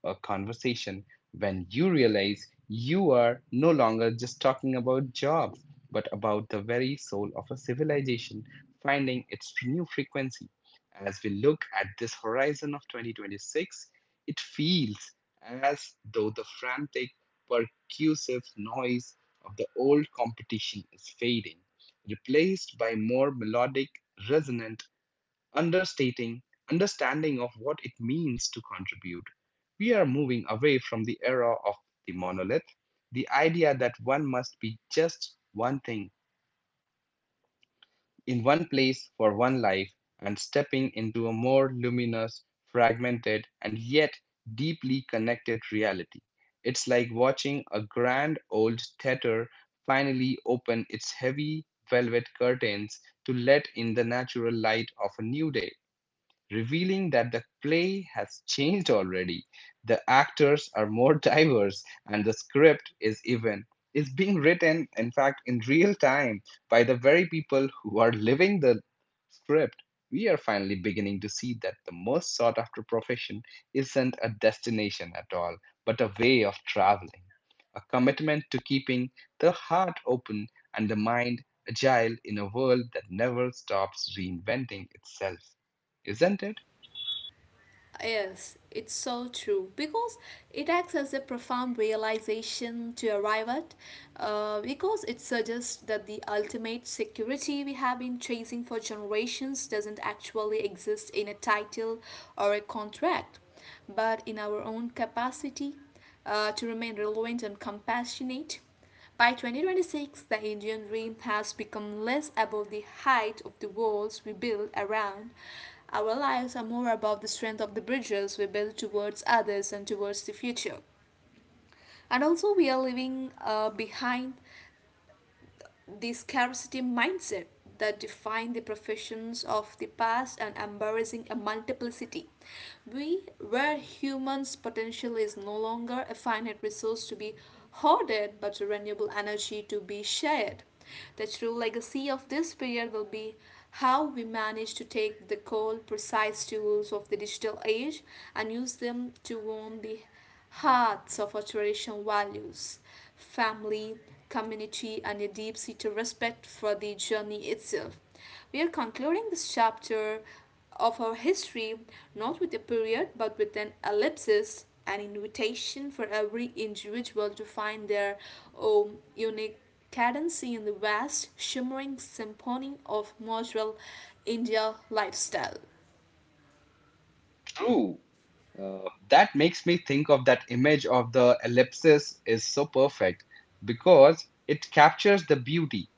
S1: a conversation when you realize you are no longer just talking about jobs, but about the very soul of a civilization finding its new frequency. As we look at this horizon of 2026, it feels as though the frantic, percussive noise of the old competition is fading, replaced by more melodic, resonant understating understanding of what it means to contribute. We are moving away from the era of the monolith, the idea that one must be just one thing in one place for one life, and stepping into a more luminous, fragmented, and yet deeply connected reality. It's like watching a grand old theater finally open its heavy velvet curtains to let in the natural light of a new day, revealing that the play has changed already. The actors are more diverse, and the script is being written, in fact, in real time by the very people who are living the script. We are finally beginning to see that the most sought after profession isn't a destination at all, but a way of traveling, a commitment to keeping the heart open and the mind agile in a world that never stops reinventing itself, isn't it?
S2: Yes, it's so true because it acts as a profound realization to arrive at, because it suggests that the ultimate security we have been chasing for generations doesn't actually exist in a title or a contract, but in our own capacity to remain relevant and compassionate. By 2026, the Indian rim has become less above the height of the walls we build around our lives are more about the strength of the bridges we build towards others and towards the future. And also, we are leaving behind the scarcity mindset that defined the professions of the past and embarrassing a multiplicity. We, where humans' potential is no longer a finite resource to be hoarded but a renewable energy to be shared. The true legacy of this period will be how we manage to take the cold, precise tools of the digital age and use them to warm the hearts of our traditional values, family, community, and a deep seated respect for the journey itself. We are concluding this chapter of our history not with a period but with an ellipsis, an invitation for every individual to find their own unique cadence in the vast, shimmering symphony of modern India lifestyle.
S1: True. That makes me think of that image of the ellipsis is so perfect, because it captures the beauty,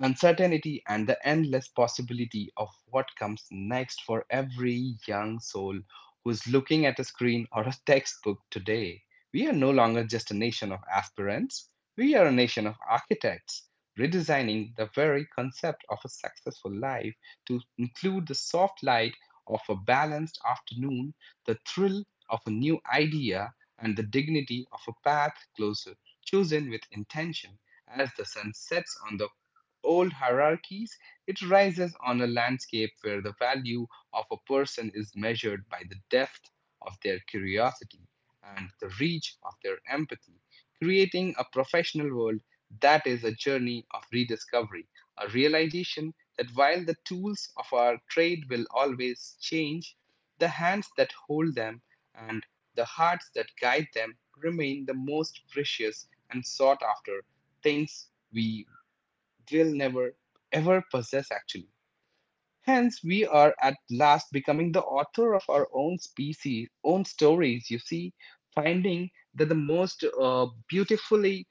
S1: uncertainty, and the endless possibility of what comes next for every young soul who's looking at a screen or a textbook today. We are no longer just a nation of aspirants, we are a nation of architects, redesigning the very concept of a successful life to include the soft light of a balanced afternoon, the thrill of a new idea, and the dignity of a path closer, chosen with intention. As the sun sets on the old hierarchies, it rises on a landscape where the value of a person is measured by the depth of their curiosity and the reach of their empathy, creating a professional world that is a journey of rediscovery, a realization that while the tools of our trade will always change, the hands that hold them and the hearts that guide them remain the most precious and sought after things we they'll never ever possess, actually. Hence, we are at last becoming the author of our own species, own stories, you see, finding that the most beautifully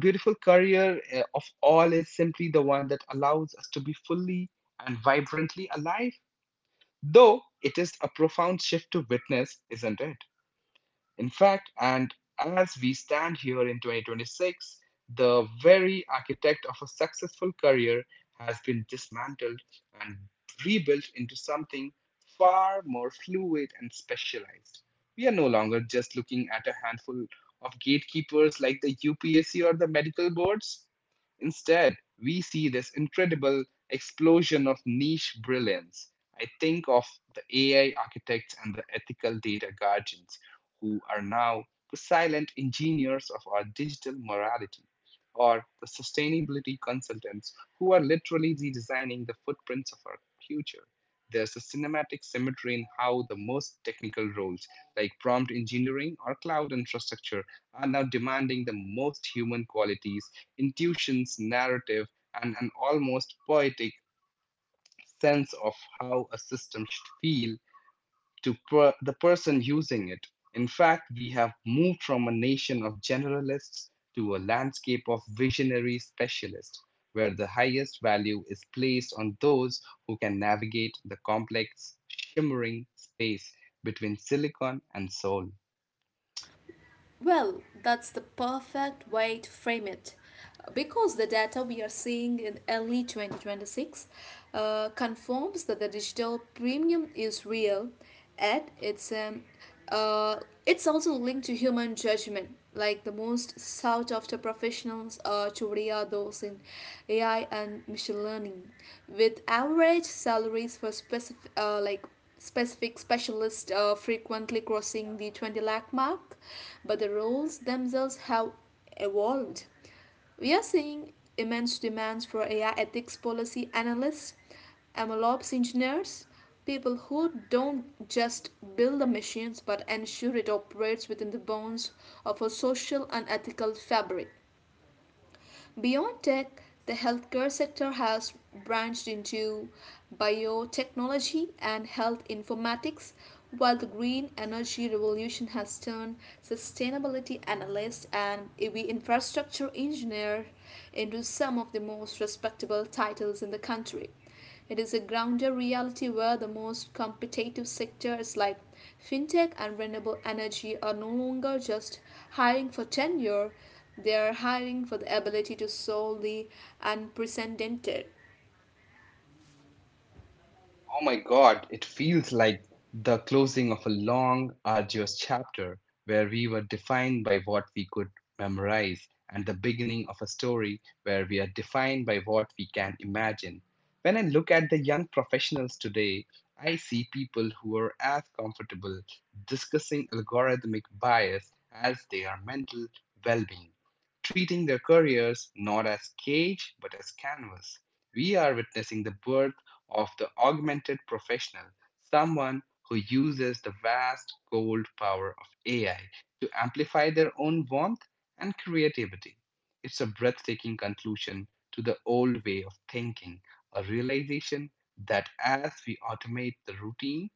S1: beautiful career of all is simply the one that allows us to be fully and vibrantly alive, though it is a profound shift to witness, isn't it? In fact, and as we stand here in 2026, the very architect of a successful career has been dismantled and rebuilt into something far more fluid and specialized. We are no longer just looking at a handful of gatekeepers like the UPSC or the medical boards. Instead, we see this incredible explosion of niche brilliance. I think of the AI architects and the ethical data guardians, who are now the silent engineers of our digital morality, or the sustainability consultants who are literally redesigning the footprints of our future. There's a cinematic symmetry in how the most technical roles, like prompt engineering or cloud infrastructure, are now demanding the most human qualities, intuitions, narrative, and an almost poetic sense of how a system should feel to the person using it. In fact, we have moved from a nation of generalists to a landscape of visionary specialists, where the highest value is placed on those who can navigate the complex, shimmering space between silicon and soul.
S2: Well, that's the perfect way to frame it. Because the data we are seeing in early 2026 confirms that the digital premium is real, and uh, it's also linked to human judgment. Like the most sought after professionals are Choria, those in AI and machine learning, with average salaries for specific specialists frequently crossing the 20 lakh mark, but the roles themselves have evolved. We are seeing immense demands for AI ethics policy analysts, MLOps engineers, people who don't just build the machines but ensure it operates within the bounds of a social and ethical fabric. Beyond tech, the healthcare sector has branched into biotechnology and health informatics, while the green energy revolution has turned sustainability analysts and EV infrastructure engineer into some of the most respectable titles in the country. It is a grounded reality where the most competitive sectors like fintech and renewable energy are no longer just hiring for tenure, they are hiring for the ability to solve the unprecedented.
S1: Oh my God, it feels like the closing of a long, arduous chapter where we were defined by what we could memorize, and the beginning of a story where we are defined by what we can imagine. When I look at the young professionals today, I see people who are as comfortable discussing algorithmic bias as they are mental well being, treating their careers not as cage but as canvas. We are witnessing the birth of the augmented professional, someone who uses the vast cold power of AI to amplify their own warmth and creativity. It's a breathtaking conclusion to the old way of thinking, a realization that as we automate the routine,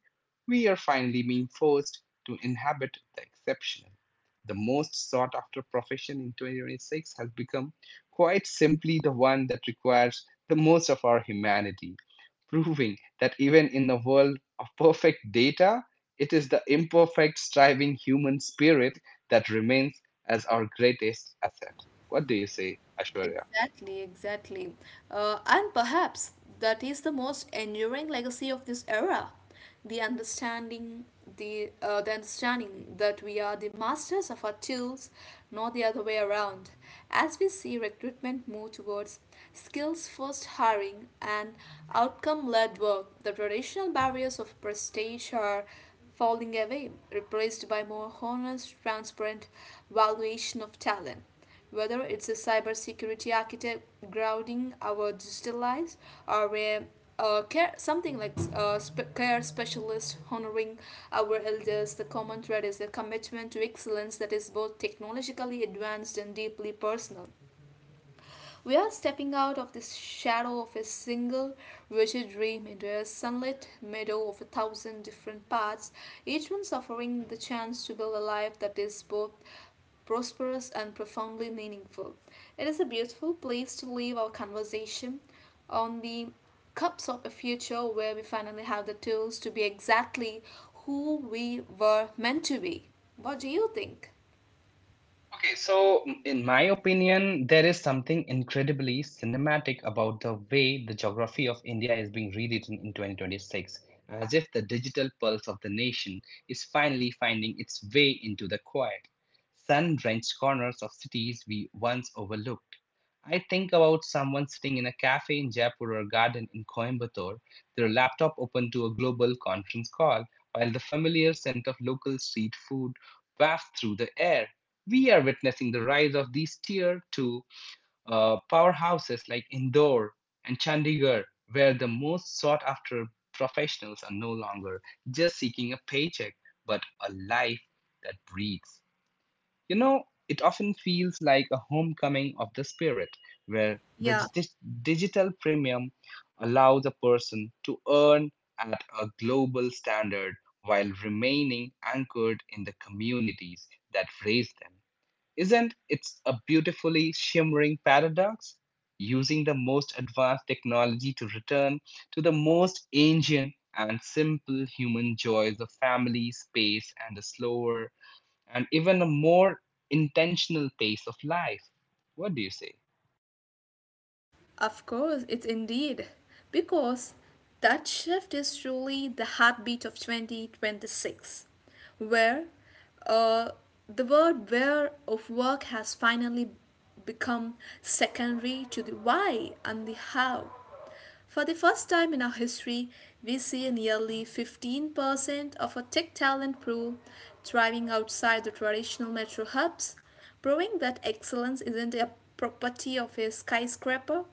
S1: we are finally being forced to inhabit the exceptional. The most sought after profession in 2026 has become, quite simply, the one that requires the most of our humanity, proving that even in the world of perfect data, it is the imperfect, striving human spirit that remains as our greatest asset. What do you say, Ashwarya?
S2: Exactly, exactly. And perhaps that is the most enduring legacy of this era. The understanding, the understanding that we are the masters of our tools, not the other way around. As we see recruitment move towards skills-first hiring and outcome-led work, the traditional barriers of prestige are falling away, replaced by more honest, transparent valuation of talent. Whether it's a cybersecurity architect grounding our digital lives, or a care, something like a sp- care specialist honoring our elders, the common thread is a commitment to excellence that is both technologically advanced and deeply personal. We are stepping out of the shadow of a single rigid dream into a sunlit meadow of a thousand different paths, each one offering the chance to build a life that is both prosperous and profoundly meaningful. It is a beautiful place to leave our conversation on the cups of a future where we finally have the tools to be exactly who we were meant to be. What do you think?
S1: Okay, so in my opinion, there is something incredibly cinematic about the way the geography of India is being rewritten in 2026, as if the digital pulse of the nation is finally finding its way into the quiet, sun-drenched corners of cities we once overlooked. I think about someone sitting in a cafe in Jaipur or a garden in Coimbatore, their laptop open to a global conference call, while the familiar scent of local street food wafts through the air. We are witnessing the rise of these tier 2 powerhouses like Indore and Chandigarh, where the most sought after professionals are no longer just seeking a paycheck, but a life that breathes. You know, it often feels like a homecoming of the spirit, where the
S2: Yeah.
S1: digital premium allows a person to earn at a global standard while remaining anchored in the communities that raise them. Isn't it a beautifully shimmering paradox? Using the most advanced technology to return to the most ancient and simple human joys of family, space, and a slower and even a more intentional pace of life. What do you say?
S2: Of course, it's indeed. Because that shift is truly the heartbeat of 2026, where uh, the word where of work has finally become secondary to the why and the how. For the first time in our history, we see nearly 15% of our tech talent pool thriving outside the traditional metro hubs, proving that excellence isn't a property of a skyscraper,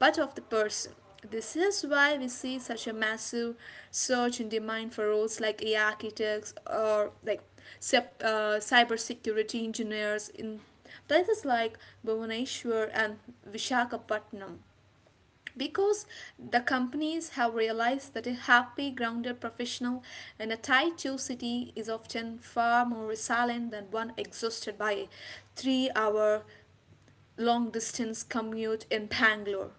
S2: but of the person. This is why we see such a massive surge in demand for roles like AI architects or like cybersecurity engineers in places like Bhubaneswar and Vishakhapatnam, because the companies have realized that a happy, grounded professional in a tight-two city is often far more resilient than one exhausted by a three-hour long distance commute in Bangalore.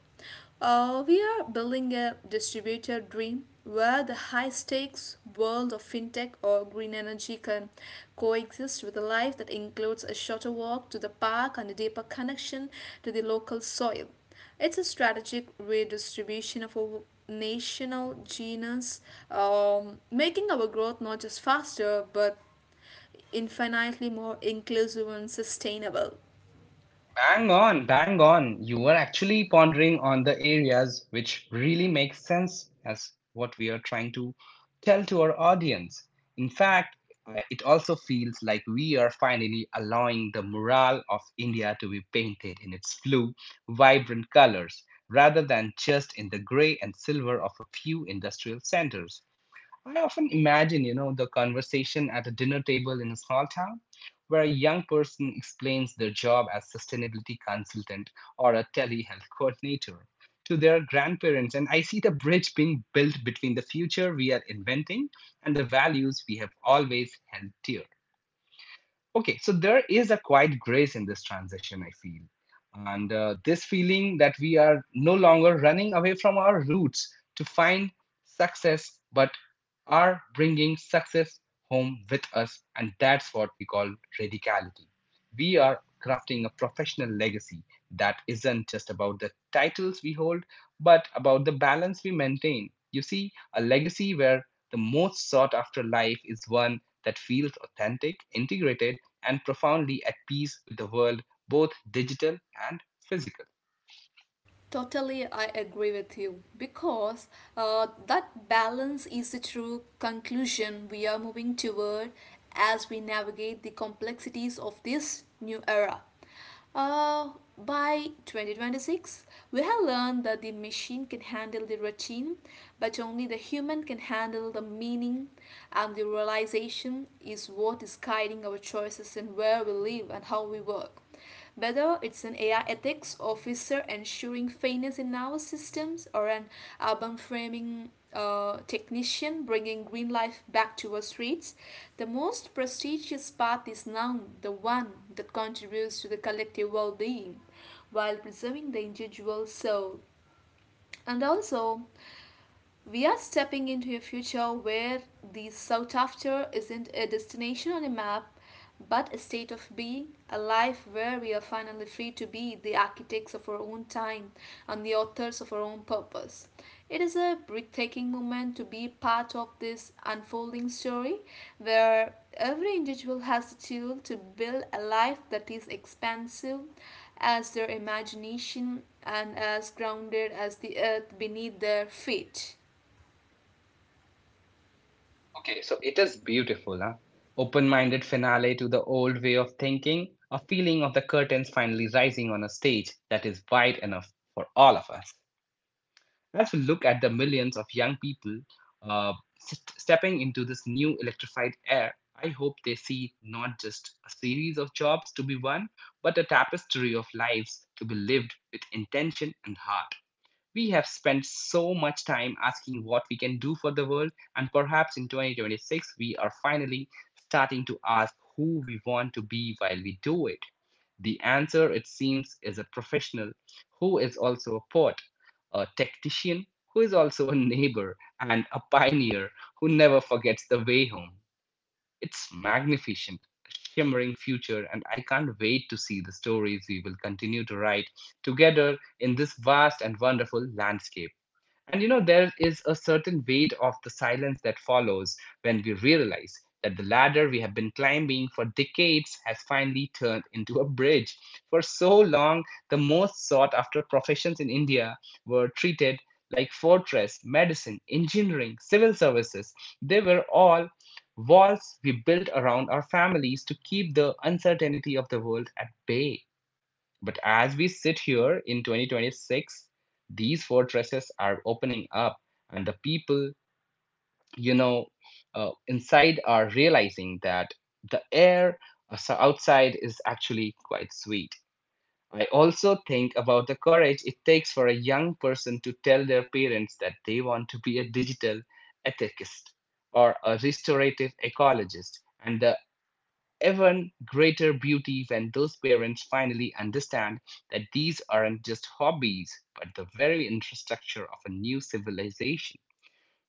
S2: We are building a distributed dream where the high stakes world of fintech or green energy can coexist with a life that includes a shorter walk to the park and a deeper connection to the local soil. It's a strategic redistribution of our national genius, making our growth not just faster but infinitely more inclusive and sustainable.
S1: Bang on, bang on. You are actually pondering on the areas which really make sense as what we are trying to tell to our audience. In fact, it also feels like we are finally allowing the mural of India to be painted in its flu, vibrant colors rather than just in the gray and silver of a few industrial centers. I often imagine, the conversation at a dinner table in a small town where a young person explains their job as sustainability consultant or a telehealth coordinator to their grandparents, and I see the bridge being built between the future we are inventing and the values we have always held dear. Okay, so there is a quiet grace in this transition, I feel. And this feeling that we are no longer running away from our roots to find success, but are bringing success home with us. And that's what we call radicality. We are crafting a professional legacy that isn't just about the titles we hold, but about the balance we maintain. You see, a legacy where the most sought after life is one that feels authentic, integrated, and profoundly at peace with the world, both digital and physical.
S2: Totally, I agree with you, because that balance is the true conclusion we are moving toward as we navigate the complexities of this new era. Uh, by 2026, we have learned that the machine can handle the routine, but only the human can handle the meaning, and the realization is what is guiding our choices in where we live and how we work. Whether it's an AI ethics officer ensuring fairness in our systems or an urban framing technician bringing green life back to our streets, the most prestigious path is now the one that contributes to the collective well being while preserving the individual soul. And also, we are stepping into a future where the sought after isn't a destination on a map, but a state of being, a life where we are finally free to be the architects of our own time and the authors of our own purpose. It is a breathtaking moment to be part of this unfolding story where every individual has the tool to build a life that is expansive as their imagination and as grounded as the earth beneath their feet.
S1: Okay, so it is beautiful, huh? Open minded finale to the old way of thinking, a feeling of the curtains finally rising on a stage that is wide enough for all of us. As we look at the millions of young people uh, stepping into this new electrified air, I hope they see not just a series of jobs to be won, but a tapestry of lives to be lived with intention and heart. We have spent so much time asking what we can do for the world, and perhaps in 2026 we are finally starting to ask who we want to be while we do it. The answer, it seems, is a professional who is also a poet, a technician who is also a neighbor, and a pioneer who never forgets the way home. It's magnificent, a shimmering future, and I can't wait to see the stories we will continue to write together in this vast and wonderful landscape. And you know, there is a certain weight of the silence that follows when we realize that the ladder we have been climbing for decades has finally turned into a bridge. For so long, the most sought after professions in India were treated like fortress, medicine, engineering, civil services. They were all walls we built around our families to keep the uncertainty of the world at bay. But as we sit here in 2026, these fortresses are opening up, and the people, you know, inside are realizing that the air outside is actually quite sweet. I also think about the courage it takes for a young person to tell their parents that they want to be a digital ethicist or a restorative ecologist and the even greater beauty when those parents finally understand that these aren't just hobbies, but the very infrastructure of a new civilization.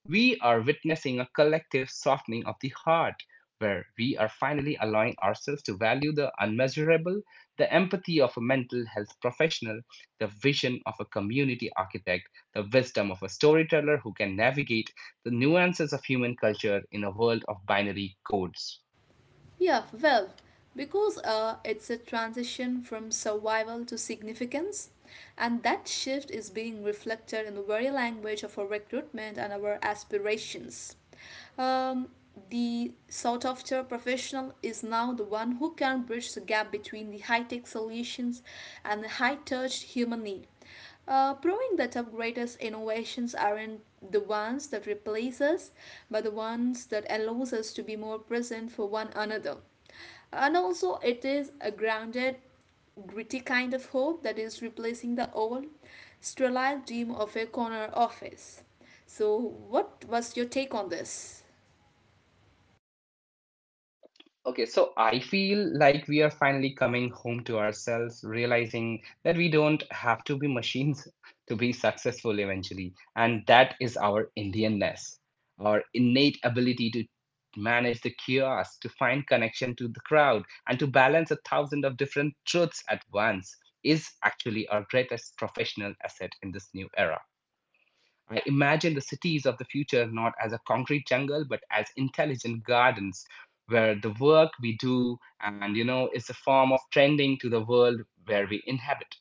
S1: We are witnessing a collective softening of the heart, where we are finally allowing ourselves to value the unmeasurable, the empathy of a mental health professional, the vision of a community architect, the wisdom of a storyteller who can navigate the nuances of human culture in a world of binary codes.
S2: Yeah, well, because it's a transition from survival to significance, and that shift is being reflected in the very language of our recruitment and our aspirations. Um, the sought after professional is now the one who can bridge the gap between the high tech solutions and the high touch human need, proving that our greatest innovations aren't the ones that replace us, but the ones that allows us to be more present for one another. And also, it is a grounded, gritty kind of hope that is replacing the old, sterile dream of a corner office. So, what was your take on this?
S1: Okay, so I feel like we are finally coming home to ourselves, realizing that we don't have to be machines to be successful eventually. And that is our Indianness, our innate ability to manage the chaos, to find connection to the crowd, and to balance a thousand of different truths at once is actually our greatest professional asset in this new era. I imagine the cities of the future not as a concrete jungle, but as intelligent gardens where the work we do and is a form of trending to the world where we inhabit.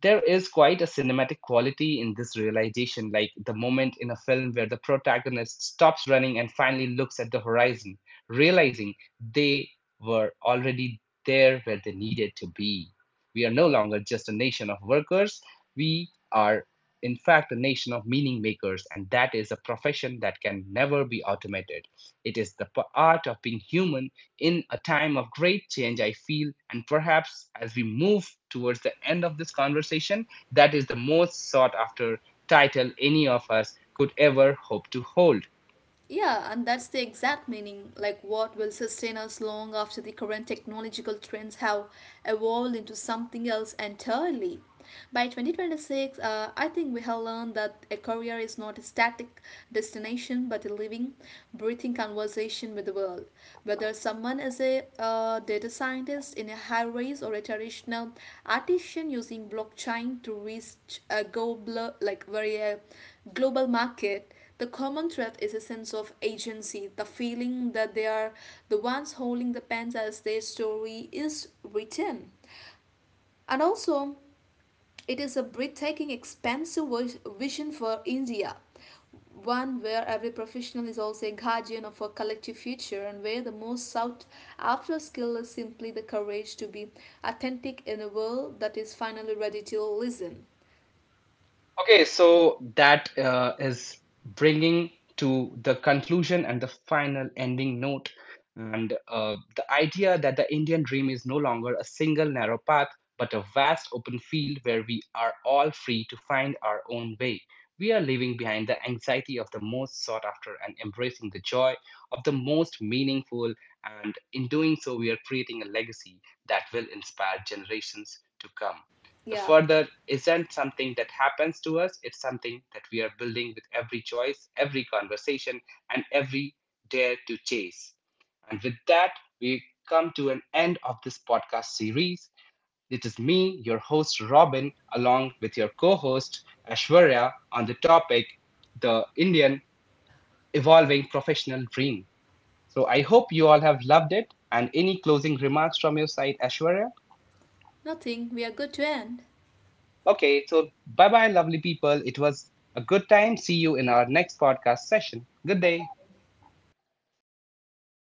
S1: There is quite a cinematic quality in this realization, like the moment in a film where the protagonist stops running and finally looks at the horizon, realizing they were already there where they needed to be. We are no longer just a nation of workers, we are, in fact, a nation of meaning makers, and that is a profession that can never be automated. It is the art of being human in a time of great change, I feel, and perhaps as we move towards the end of this conversation, that is the most sought after title any of us could ever hope to hold.
S2: Yeah, and that's the exact meaning, like what will sustain us long after the current technological trends have evolved into something else entirely. By 2026, I think we have learned that a career is not a static destination but a living, breathing conversation with the world. Whether someone is a data scientist in a high race or a traditional artisan using blockchain to reach a global, like very global market, the common thread is a sense of agency, the feeling that they are the ones holding the pens as their story is written. And also, it is a breathtaking, expansive vision for India, one where every professional is also a guardian of a collective future and where the most sought after skill is simply the courage to be authentic in a world that is finally ready to listen.
S1: Okay, so that is bringing to the conclusion and the final ending note. And the idea that the Indian dream is no longer a single narrow path, but a vast open field where we are all free to find our own way. We are leaving behind the anxiety of the most sought after and embracing the joy of the most meaningful. And in doing so, we are creating a legacy that will inspire generations to come. The
S2: Yeah,
S1: further isn't something that happens to us, it's something that we are building with every choice, every conversation, and every dare to chase. And with that, we come to an end of this podcast series. It is me, your host Robin, along with your co host Ashwarya on the topic The Indian Evolving Professional Dream. So I hope you all have loved it. And any closing remarks from your side, Ashwarya?
S2: nothing, we are good to end.
S1: Okay, so bye bye, lovely people. It was a good time. See you in our next podcast session. Good day.